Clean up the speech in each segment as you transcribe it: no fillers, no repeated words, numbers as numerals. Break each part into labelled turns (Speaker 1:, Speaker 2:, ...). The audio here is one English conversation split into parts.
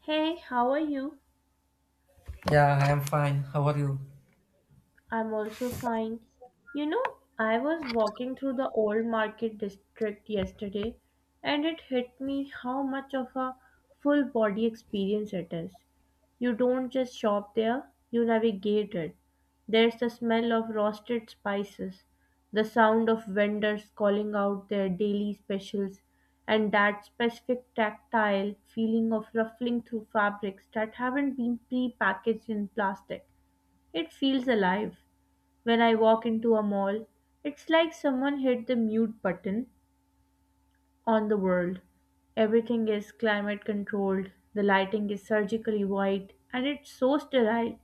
Speaker 1: Hey, how are you?
Speaker 2: Yeah, I am fine. How are you?
Speaker 1: I'm also fine. You know, I was walking through the old market district yesterday and it hit me how much of a full body experience it is. You don't just shop there, you navigate it. There's the smell of roasted spices, the sound of vendors calling out their daily specials, and that specific tactile feeling of ruffling through fabrics that haven't been pre packaged in plastic. It feels alive. When I walk into a mall, it's like someone hit the mute button on the world. Everything is climate controlled, the lighting is surgically white, and it's so sterile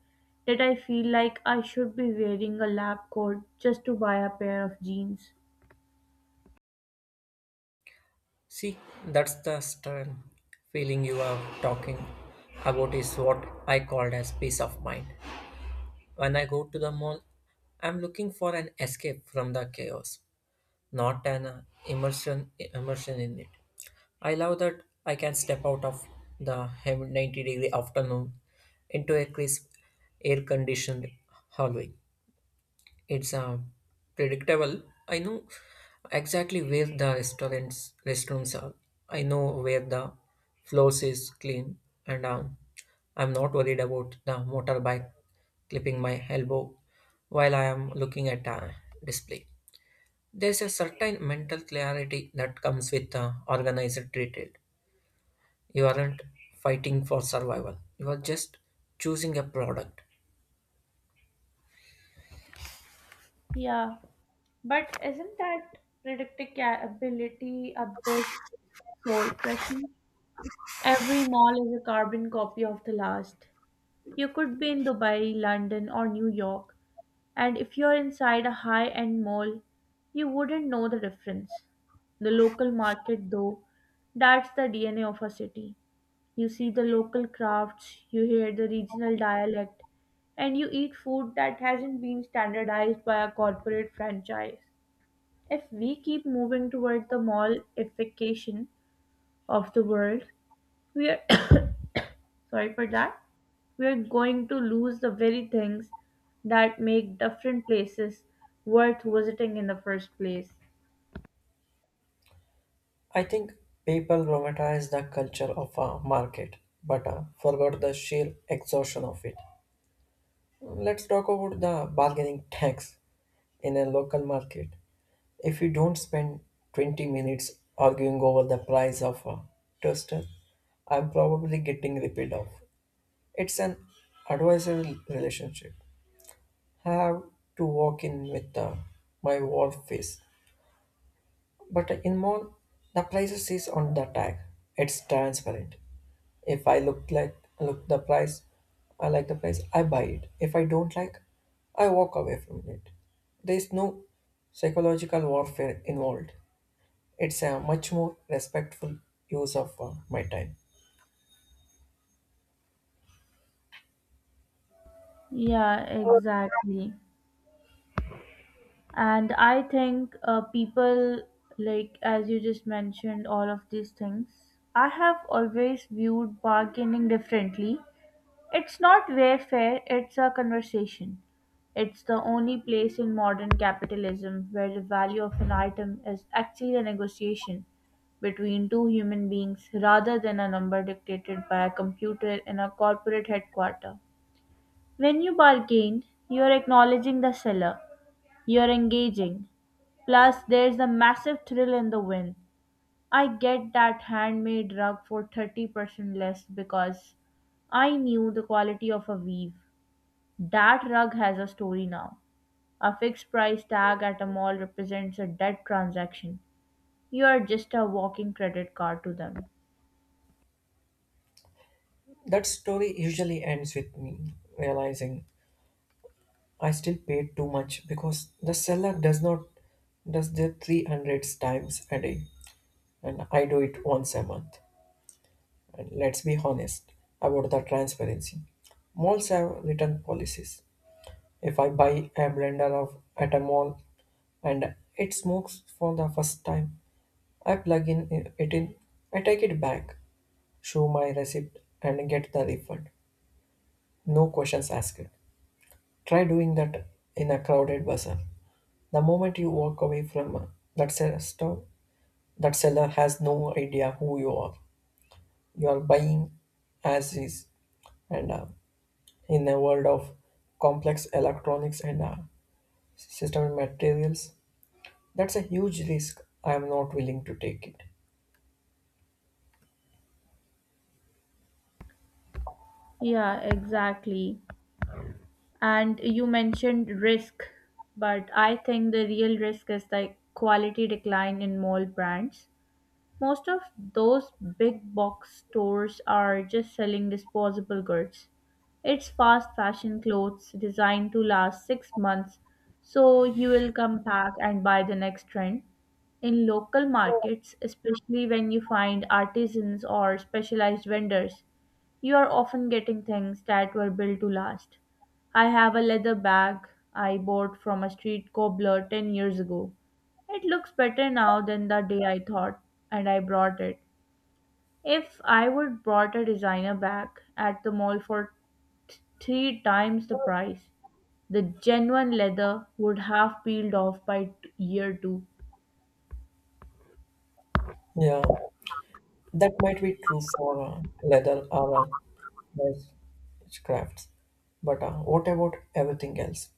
Speaker 1: that I feel like I should be wearing a lab coat just to buy a pair of jeans.
Speaker 2: See, that's the stern feeling you are talking about is what I called as peace of mind. When I go to the mall, I'm looking for an escape from the chaos, not an immersion in it. I love that I can step out of the 90-degree afternoon into a crisp air conditioned hallway. It's predictable. I know exactly where the restaurants restrooms are. I know where the floors is clean, and I'm not worried about the motorbike clipping my elbow while I am looking at a display. There's a certain mental clarity that comes with organized retail. You aren't fighting for survival. You are just choosing a product.
Speaker 1: Yeah, but isn't that predictability a bit soul crushing? Every mall is a carbon copy of the last. You could be in Dubai, London, or New York, and if you're inside a high end mall, you wouldn't know the difference. The local market, though, that's the DNA of a city. You see the local crafts, you hear the regional dialect, and you eat food that hasn't been standardized by a corporate franchise. If we keep moving toward the mallification of the world, we are sorry for that, we're going to lose the very things that make different places worth visiting in the first place.
Speaker 2: I think people romanticize the culture of a market, but forgot the sheer exhaustion of it. Let's talk about the bargaining tax in a local market. If you don't spend 20 minutes arguing over the price of a toaster, I'm probably getting ripped off. It's an advisory relationship. I have to walk in with my war face. But in mall, the prices is on the tag. It's transparent. If I look like look the price, I like the price, I buy it. If I don't like, I walk away from it. There is no psychological warfare involved. It's a much more respectful use of my time.
Speaker 1: Yeah, exactly. And I think people, like, as you just mentioned, all of these things, I have always viewed bargaining differently. It's not warfare, it's a conversation. It's the only place in modern capitalism where the value of an item is actually a negotiation between two human beings rather than a number dictated by a computer in a corporate headquarter. When you bargain, you're acknowledging the seller, you're engaging. Plus, there's a massive thrill in the win. I get that handmade rug for 30% less because I knew the quality of a weave. That rug has a story now. A fixed price tag at a mall represents a dead transaction. You are just a walking credit card to them.
Speaker 2: That story usually ends with me realizing I still paid too much because the seller does not does the 300 times a day and I do it once a month. And let's be honest about the transparency. Malls have written policies. If I buy a blender of at a mall and it smokes for the first time, I plug in it in, I take it back, show my receipt and get the refund. No questions asked. Try doing that in a crowded bazaar. The moment you walk away from store, that seller has no idea who you are. You are buying as is, and in a world of complex electronics and system materials, that's a huge risk. I'm not willing to take it.
Speaker 1: Yeah, exactly. And you mentioned risk, but I think the real risk is the quality decline in mall brands. Most of those big box stores are just selling disposable goods. It's fast fashion clothes designed to last 6 months, so you will come back and buy the next trend. In local markets, especially when you find artisans or specialized vendors, you are often getting things that were built to last. I have a leather bag I bought from a street cobbler 10 years ago. It looks better now than the day I thought, and I brought it. If I would brought a designer bag at the mall for three times the price, the genuine leather would have peeled off by year two.
Speaker 2: Yeah, that might be true for leather or nice crafts. But what about everything else?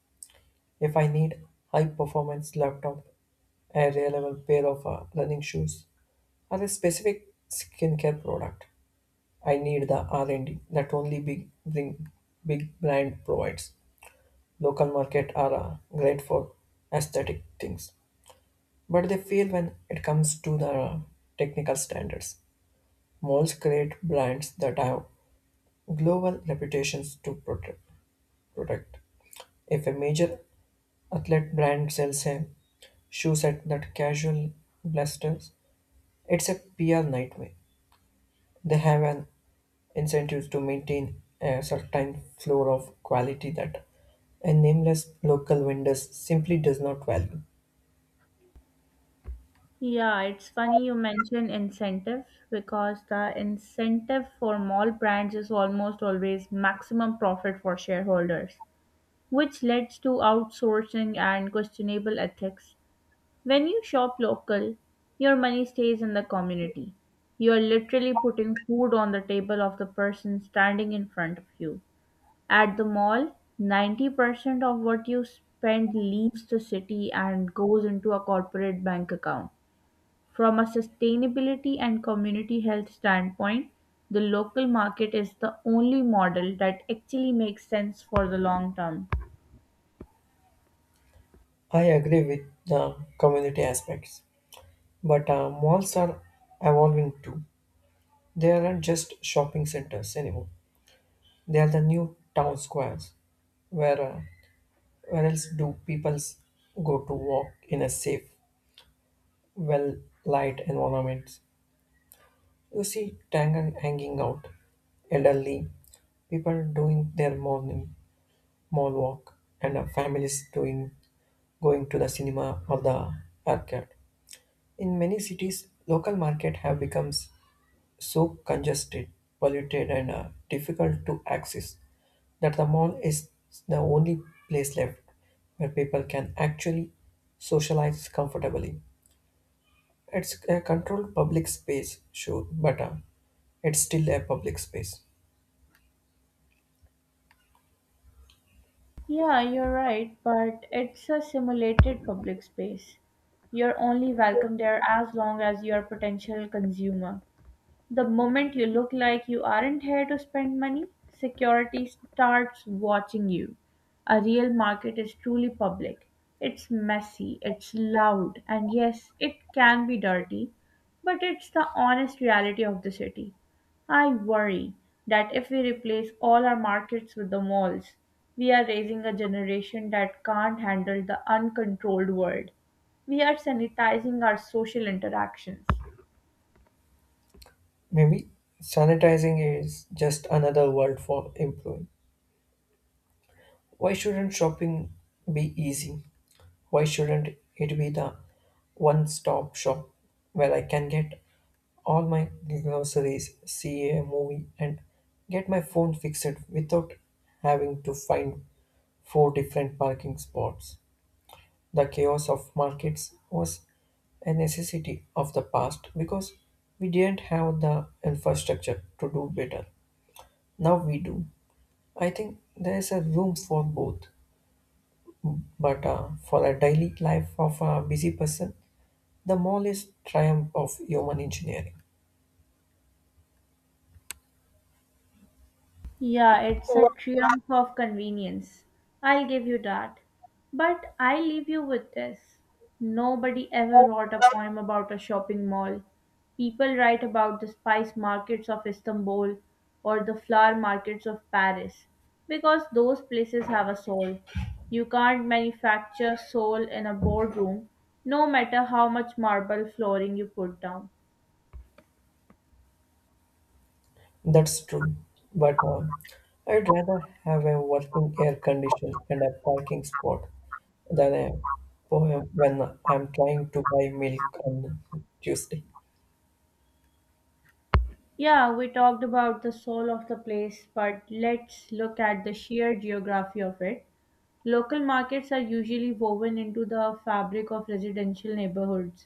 Speaker 2: If I need high performance laptop, a reliable pair of running shoes, or a specific skincare product, I need the R&D that big brand provides. Local market are great for aesthetic things, but they fail when it comes to the technical standards. Malls create brands that have global reputations to protect. If a major athlete brand sells a shoe set that casual blasters, it's a PR nightmare. They have an incentive to maintain a certain floor of quality that a nameless local vendor simply does not value.
Speaker 1: Yeah, it's funny you mention incentive because the incentive for mall brands is almost always maximum profit for shareholders, which leads to outsourcing and questionable ethics. When you shop local, your money stays in the community. You are literally putting food on the table of the person standing in front of you. At the mall, 90% of what you spend leaves the city and goes into a corporate bank account. From a sustainability and community health standpoint, the local market is the only model that actually makes sense for the long term.
Speaker 2: I agree with the community aspects, but malls are evolving too. They aren't just shopping centers anymore. They are the new town squares. Where, uh, where else do people go to walk in a safe, well light environment? You see tangan hanging out, elderly people doing their morning mall walk, and families doing going to the cinema or the arcade. In many cities, local market have become so congested, polluted, and difficult to access that the mall is the only place left where people can actually socialize comfortably. It's a controlled public space, sure, but it's still a public space.
Speaker 1: Yeah, you're right, but it's a simulated public space. You're only welcome there as long as you're a potential consumer. The moment you look like you aren't here to spend money, security starts watching you. A real market is truly public. It's messy, it's loud, and yes, it can be dirty, but it's the honest reality of the city. I worry that if we replace all our markets with the malls, we are raising a generation that can't handle the uncontrolled world. We are sanitizing our social interactions.
Speaker 2: Maybe sanitizing is just another word for improving. Why shouldn't shopping be easy? Why shouldn't it be the one stop shop where I can get all my groceries, see a movie, and get my phone fixed without having to find four different parking spots? The chaos of markets was a necessity of the past because we didn't have the infrastructure to do better. Now we do. I think there is a room for both, but for a daily life of a busy person, the smallest triumph of human engineering.
Speaker 1: Yeah, it's a triumph of convenience. I'll give you that. But I leave you with this. Nobody ever wrote a poem about a shopping mall. People write about the spice markets of Istanbul or the flower markets of Paris because those places have a soul. You can't manufacture soul in a boardroom, no matter how much marble flooring you put down.
Speaker 2: That's true, but I'd rather have a working air conditioner and a parking spot than a poem when I'm trying to buy milk on Tuesday.
Speaker 1: Yeah, we talked about the soul of the place, but let's look at the sheer geography of it. Local markets are usually woven into the fabric of residential neighborhoods.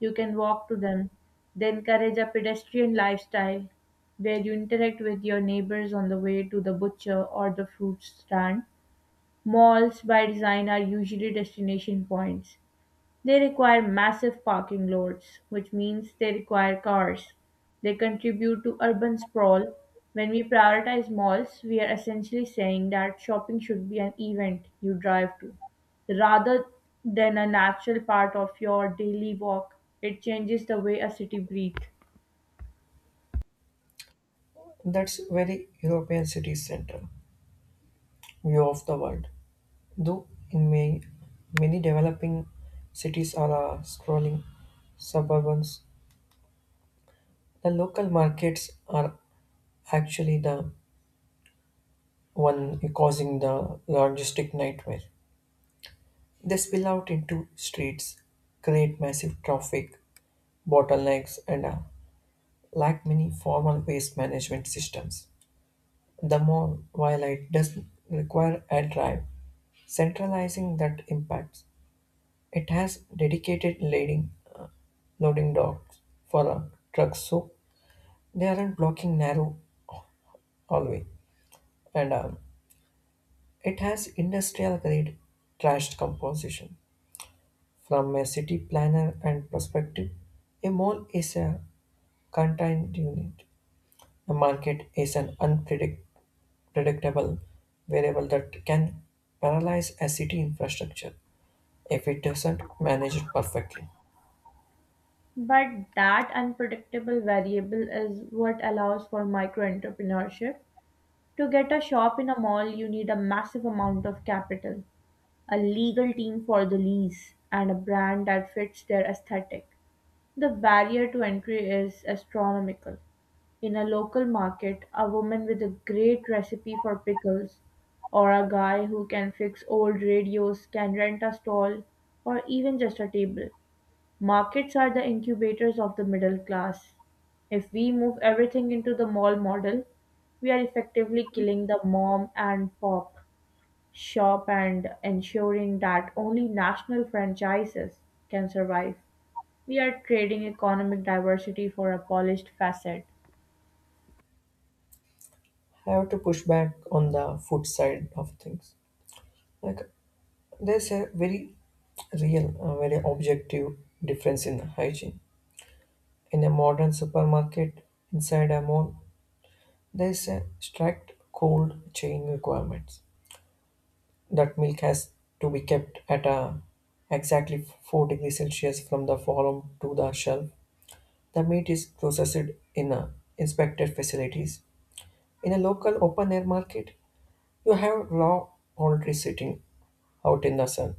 Speaker 1: You can walk to them. They encourage a pedestrian lifestyle where you interact with your neighbors on the way to the butcher or the fruit stand. Malls, by design, are usually destination points. They require massive parking lots, which means they require cars. They contribute to urban sprawl. When we prioritize malls, we are essentially saying that shopping should be an event you drive to rather than a natural part of your daily walk. It changes the way a city breathes.
Speaker 2: That's very European city center view of the world. Though in many developing cities are sprawling suburbans, the local markets are actually the one causing the logistic nightmare. They spill out into streets, create massive traffic bottlenecks, and lack many formal waste management systems. The more while it does require a drive, centralizing that impacts. It has dedicated loading docks for trucks, so they aren't blocking narrow hallway, and it has industrial grade trash composition. From a city planner and perspective, a mall is a contained unit. A market is an unpredictable variable that can paralyze a city infrastructure if it doesn't manage it perfectly.
Speaker 1: But that unpredictable variable is what allows for micro entrepreneurship. To get a shop in a mall, you need a massive amount of capital, a legal team for the lease, and a brand that fits their aesthetic. The barrier to entry is astronomical. In a local market, a woman with a great recipe for pickles, or a guy who can fix old radios, can rent a stall, or even just a table. Markets are the incubators of the middle class. If we move everything into the mall model, we are effectively killing the mom and pop shop and ensuring that only national franchises can survive. We are trading economic diversity for a polished facade.
Speaker 2: I have to push back on the food side of things. Like there's a very very objective difference in hygiene. In a modern supermarket, inside a mall, there's a strict cold chain requirements. That milk has to be kept at a exactly 4 degrees Celsius from the farm to the shelf. The meat is processed in a inspected facilities. In a local open air market, you have raw poultry sitting out in the sun,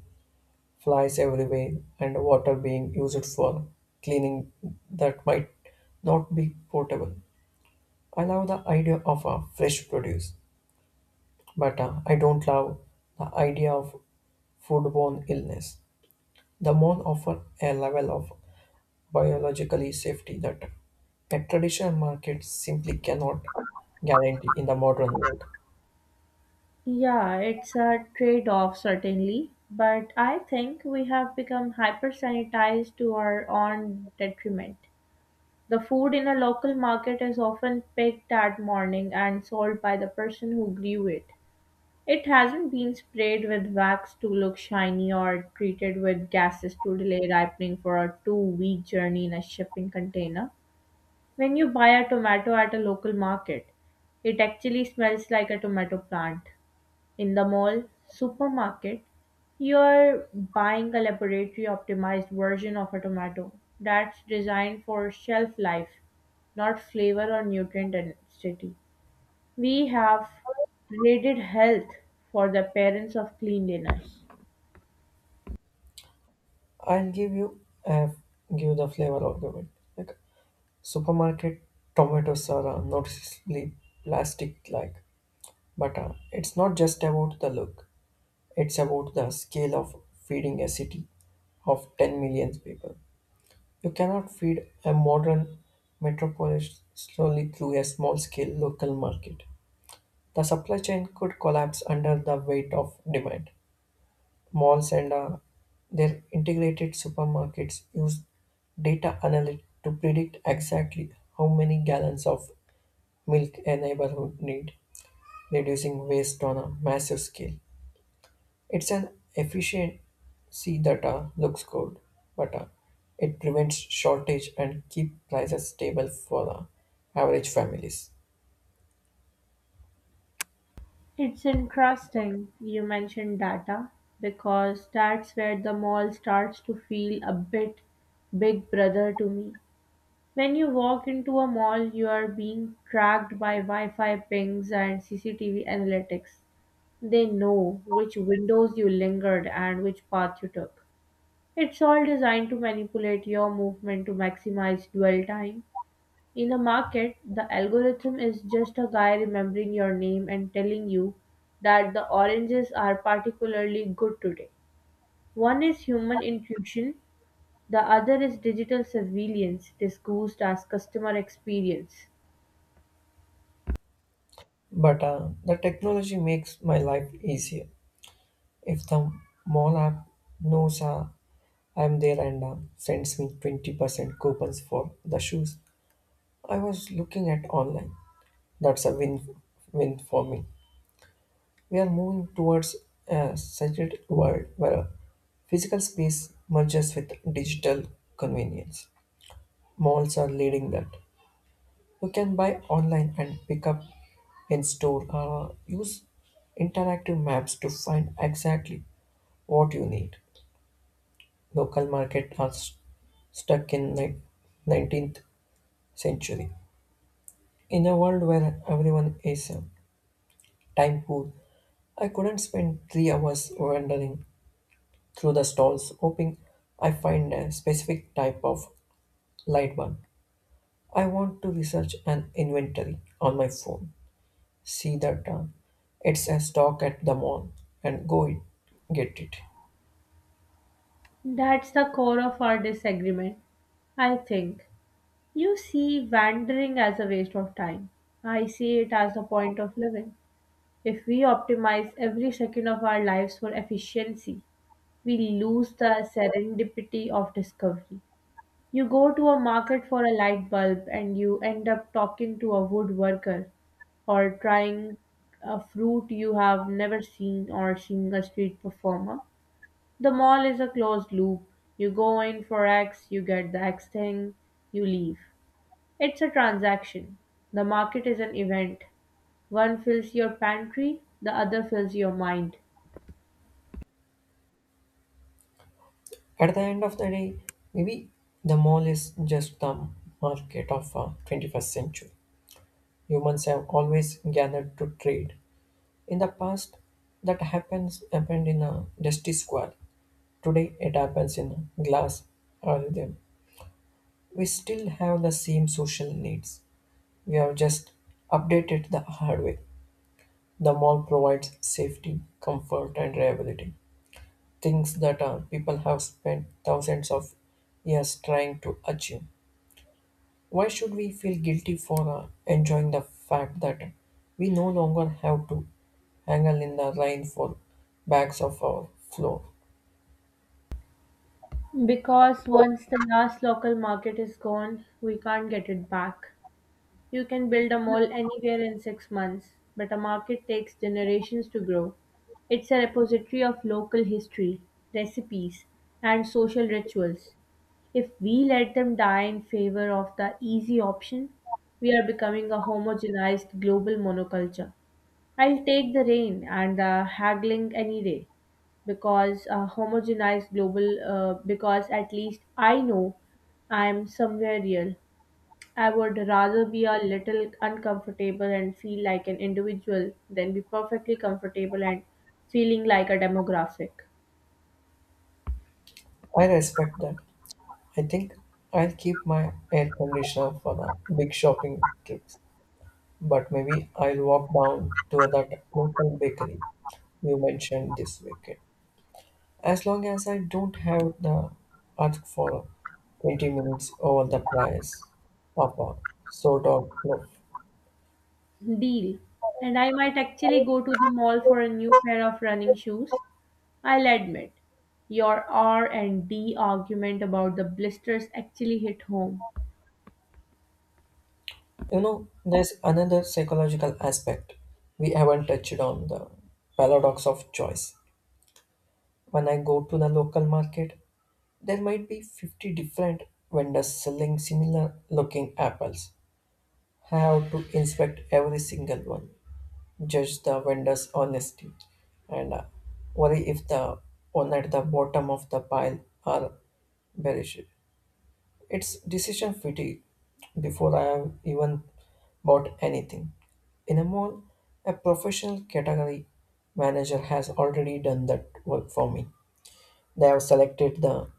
Speaker 2: flies everywhere, and water being used for cleaning that might not be portable. I love the idea of a fresh produce, but I don't love the idea of foodborne illness. The mall offer a level of biologically safety that a traditional market simply cannot guarantee in the modern world.
Speaker 1: Yeah, it's a trade off, certainly, but I think we have become hyper sanitized to our own detriment. The food in a local market is often picked that morning and sold by the person who grew it. It hasn't been sprayed with wax to look shiny or treated with gases to delay ripening for a 2 week journey in a shipping container. When you buy a tomato at a local market, it actually smells like a tomato plant. In the mall supermarket, you're buying a laboratory optimized version of a tomato that's designed for shelf life, not flavor or nutrient density. We have traded health for the parents of cleanliness.
Speaker 2: I'll give you a give the flavor argument. Like supermarket tomatoes are noticeably plastic-like, but it's not just about the look. It's about the scale of feeding a city of 10 million people. You cannot feed a modern metropolis slowly through a small-scale local market. The supply chain could collapse under the weight of demand. Malls and their integrated supermarkets use data analytics to predict exactly how many gallons of milk a neighborhood need, reducing waste on a massive scale. It's an efficiency that looks good, but it prevents shortage and keep prices stable for average families.
Speaker 1: It's interesting you mentioned data because that's where the mall starts to feel a bit big brother to me. When you walk into a mall, you are being tracked by Wi Fi pings and CCTV analytics. They know which windows you lingered and which path you took. It's all designed to manipulate your movement to maximize dwell time. In a market, the algorithm is just a guy remembering your name and telling you that the oranges are particularly good today. One is human intuition, the other is digital surveillance disguised as customer experience.
Speaker 2: But the technology makes my life easier. If the mall app knows I'm there and sends me 20% coupons for the shoes I was looking at online, that's a win win for me. We are moving towards a secret world where physical space merges with digital convenience. Malls are leading that. You can buy online and pick up in store. Use interactive maps to find exactly what you need. Local market are stuck in 19th century. In a world where everyone is time poor, I couldn't spend 3 hours wandering through the stalls hoping I find a specific type of light bulb. I want to research an inventory on my phone, see that it's a stock at the mall, and get it.
Speaker 1: That's the core of our disagreement, I think. You see wandering as a waste of time. I see it as a point of living. If we optimize every second of our lives for efficiency, we lose the serendipity of discovery. You go to a market for a light bulb and you end up talking to a woodworker or trying a fruit you have never seen or seeing a street performer. The mall is a closed loop. You go in for X, you get the X thing, you leave. It's a transaction. The market is an event. One fills your pantry, the other fills your mind.
Speaker 2: At the end of the day, maybe the mall is just the market of 21st century. Humans have always gathered to trade. In the past, that happens happened in a dusty square. Today, it happens in a glass algorithm. We still have the same social needs. We have just updated the hardware. The mall provides safety, comfort, and reliability. Things that people have spent thousands of years trying to achieve. Why should we feel guilty for enjoying the fact that we no longer have to haggle in the rain for bags of our floor?
Speaker 1: Because once the last local market is gone, we can't get it back. You can build a mall anywhere in 6 months, but a market takes generations to grow. It's a repository of local history, recipes, and social rituals. If we let them die in favor of the easy option, we are becoming a homogenized global monoculture. I'll take the rain and the haggling any day because a homogenized global, because at least I know I'm somewhere real. I would rather be a little uncomfortable and feel like an individual than be perfectly comfortable and feeling like a demographic.
Speaker 2: I respect that. I think I'll keep my air conditioner for the big shopping trips, but maybe I'll walk down to that local bakery you mentioned this weekend. As long as I don't have the ask for 20 minutes over the price of a soda loaf.
Speaker 1: Deal. And I might actually go to the mall for a new pair of running shoes. I'll admit, your R and D argument about the blisters actually hit home.
Speaker 2: You know, there's another psychological aspect we haven't touched on the paradox of choice. When I go to the local market, there might be 50 different vendors selling similar looking apples. I have to inspect every single one, judge the vendor's honesty, and worry if the one at the bottom of the pile are bearish. It's decision fatigue before I have even bought anything. In a mall, a professional category manager has already done that work for me. They have selected the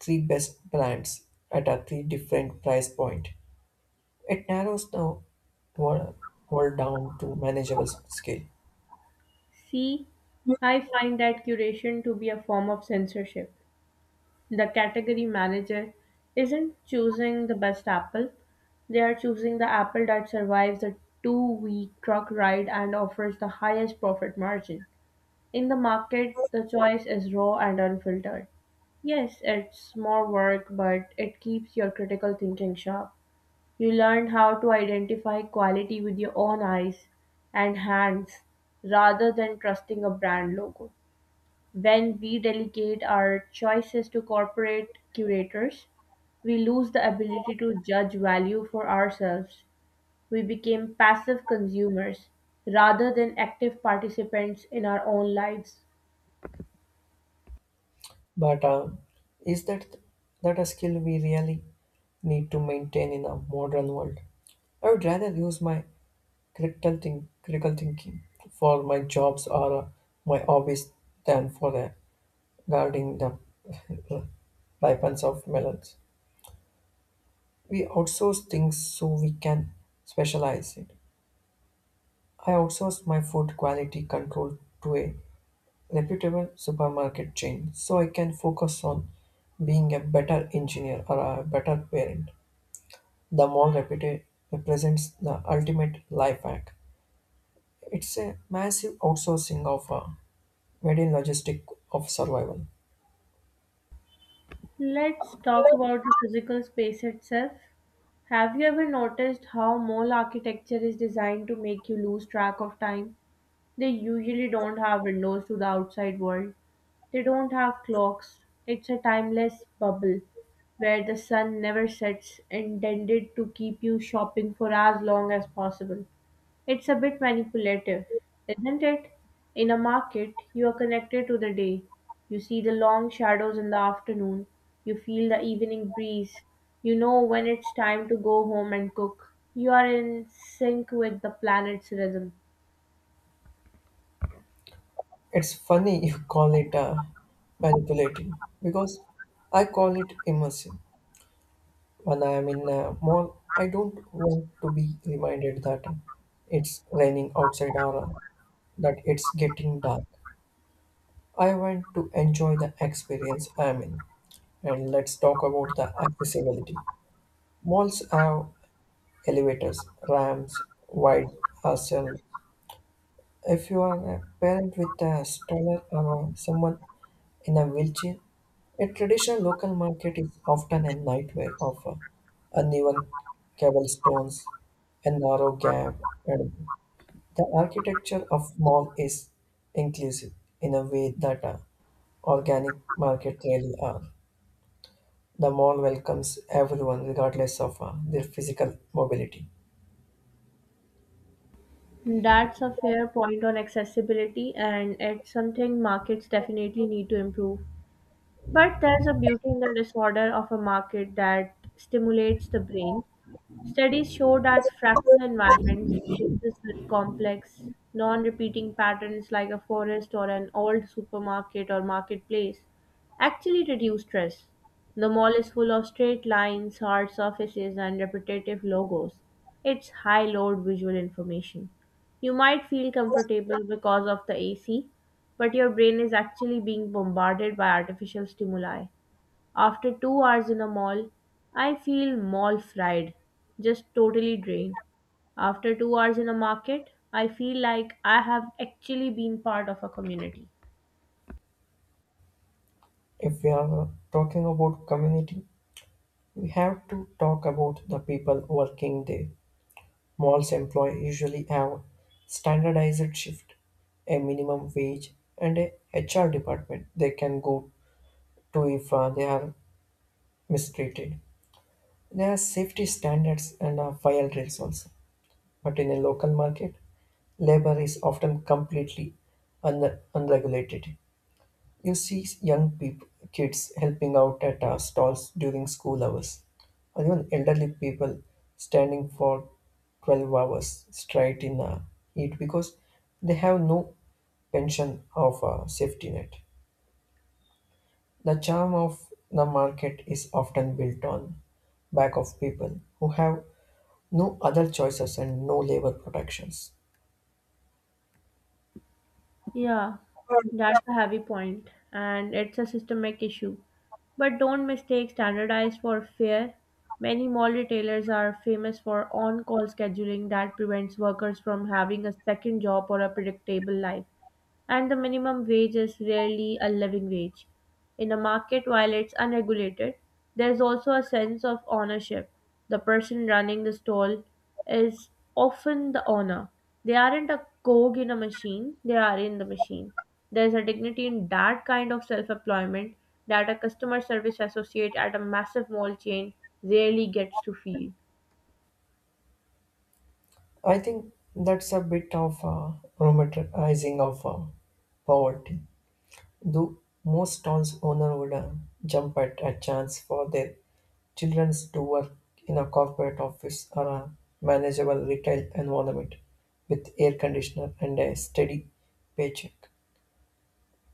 Speaker 2: three best brands at a three different price point. It narrows the world, world down to manageable scale.
Speaker 1: See, I find that curation to be a form of censorship. The category manager isn't choosing the best apple, they are choosing the apple that survives a 2 week truck ride and offers the highest profit margin. In the market, the choice is raw and unfiltered. Yes, it's more work, but it keeps your critical thinking sharp. You learn how to identify quality with your own eyes and hands rather than trusting a brand logo. When we delegate our choices to corporate curators, we lose the ability to judge value for ourselves. We became passive consumers rather than active participants in our own lives.
Speaker 2: But is that a skill we really need to maintain in a modern world? I would rather use my critical thinking for my jobs or my hobbies than for a guarding the ripens of melons. We outsource things so we can specialize it. I outsourced my food quality control to a reputable supermarket chain so I can focus on being a better engineer or a better parent. The mall represents the ultimate life hack. It's a massive outsourcing of a median logistic of survival.
Speaker 1: Let's talk about the physical space itself. Have you ever noticed how mall architecture is designed to make you lose track of time? They usually don't have windows to the outside world. They don't have clocks. It's a timeless bubble where the sun never sets, intended to keep you shopping for as long as possible. It's a bit manipulative, isn't it? In a market, you are connected to the day. You see the long shadows in the afternoon. You feel the evening breeze. You know when it's time to go home and cook. You are in sync with the planet's rhythm.
Speaker 2: It's funny you call it manipulating because I call it immersive. When I am in a mall, I don't want to be reminded that it's raining outside or that it's getting dark. I want to enjoy the experience I am in. And let's talk about the accessibility. Malls have elevators, ramps, wide aisles. If you are a parent with a stroller or someone in a wheelchair, a traditional local market is often a nightmare of uneven cobblestones, a narrow gap, and the architecture of mall is inclusive in a way that organic market really are. The mall welcomes everyone regardless of their physical mobility.
Speaker 1: That's a fair point on accessibility, and it's something markets definitely need to improve. But there's a beauty in the disorder of a market that stimulates the brain. Studies show that fractal environments exist with complex, non repeating patterns like a forest or an old supermarket or marketplace actually reduce stress. The mall is full of straight lines, hard surfaces, and repetitive logos. It's high load visual information. You might feel comfortable because of the AC, but your brain is actually being bombarded by artificial stimuli. After 2 hours in a mall, I feel mall fried, just totally drained. After 2 hours in a market, I feel like I have actually been part of a community.
Speaker 2: If we are talking about community, we have to talk about the people working there. Malls employ usually have standardized shift, a minimum wage, and a HR department they can go to if they are mistreated. There are safety standards and fire drills also. But in a local market, labor is often completely unregulated. You see young people, kids helping out at stalls during school hours, or even elderly people standing for 12 hours straight in heat because they have no pension of a safety net. The charm of the market is often built on back of people who have no other choices and no labor protections.
Speaker 1: Yeah, that's a heavy point, and it's a systemic issue. But don't mistake standardized for fair. Many mall retailers are famous for on call scheduling that prevents workers from having a second job or a predictable life. And the minimum wage is rarely a living wage. In a market, while it's unregulated, there's also a sense of ownership. The person running the stall is often the owner. They aren't a cog in a machine, they are in the machine. There's a dignity in that kind of self employment that a customer service associate at a massive mall chain rarely gets to feel.
Speaker 2: I think that's a bit of a romanticizing of poverty. Though most towns owner would jump at a chance for their children to work in a corporate office or a manageable retail environment with air conditioner and a steady paycheck.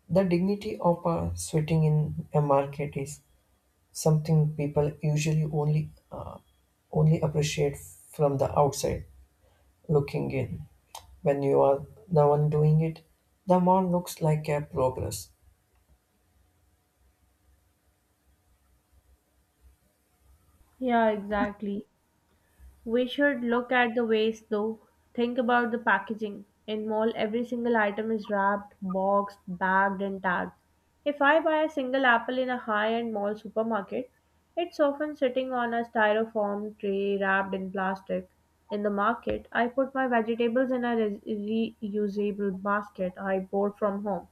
Speaker 2: The dignity of sweating in a market is something people usually only appreciate from the outside looking in. When you are the one doing it, the mall looks like a progress.
Speaker 1: Yeah, exactly. We should look at the waste though. Think about the packaging. In mall, every single item is wrapped, boxed, bagged, and tagged. If I buy a single apple in a high end mall supermarket, it's often sitting on a styrofoam tray wrapped in plastic. In the market, I put my vegetables in a reusable basket I bought from home.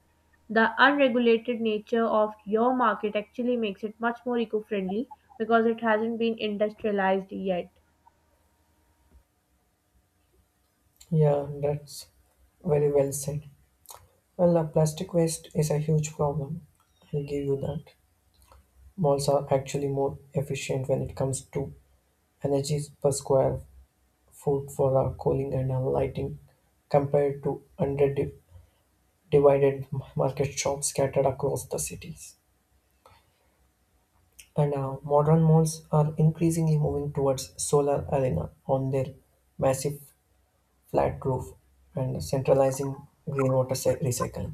Speaker 1: The unregulated nature of your market actually makes it much more eco friendly because it hasn't been industrialized yet.
Speaker 2: Yeah, that's very well said. Well, plastic waste is a huge problem. I'll give you that. Malls are actually more efficient when it comes to energy per square foot for our cooling and our lighting compared to under divided market shops scattered across the cities. And modern malls are increasingly moving towards solar arena on their massive flat roof and centralizing green water recycling.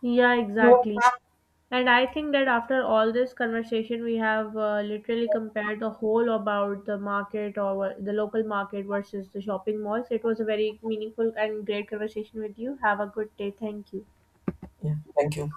Speaker 1: Yeah, exactly. And I think that after all this conversation, we have literally compared the whole about the market or the local market versus the shopping malls. It was a very meaningful and great conversation with you. Have a good day. Thank you.
Speaker 2: Yeah, thank you.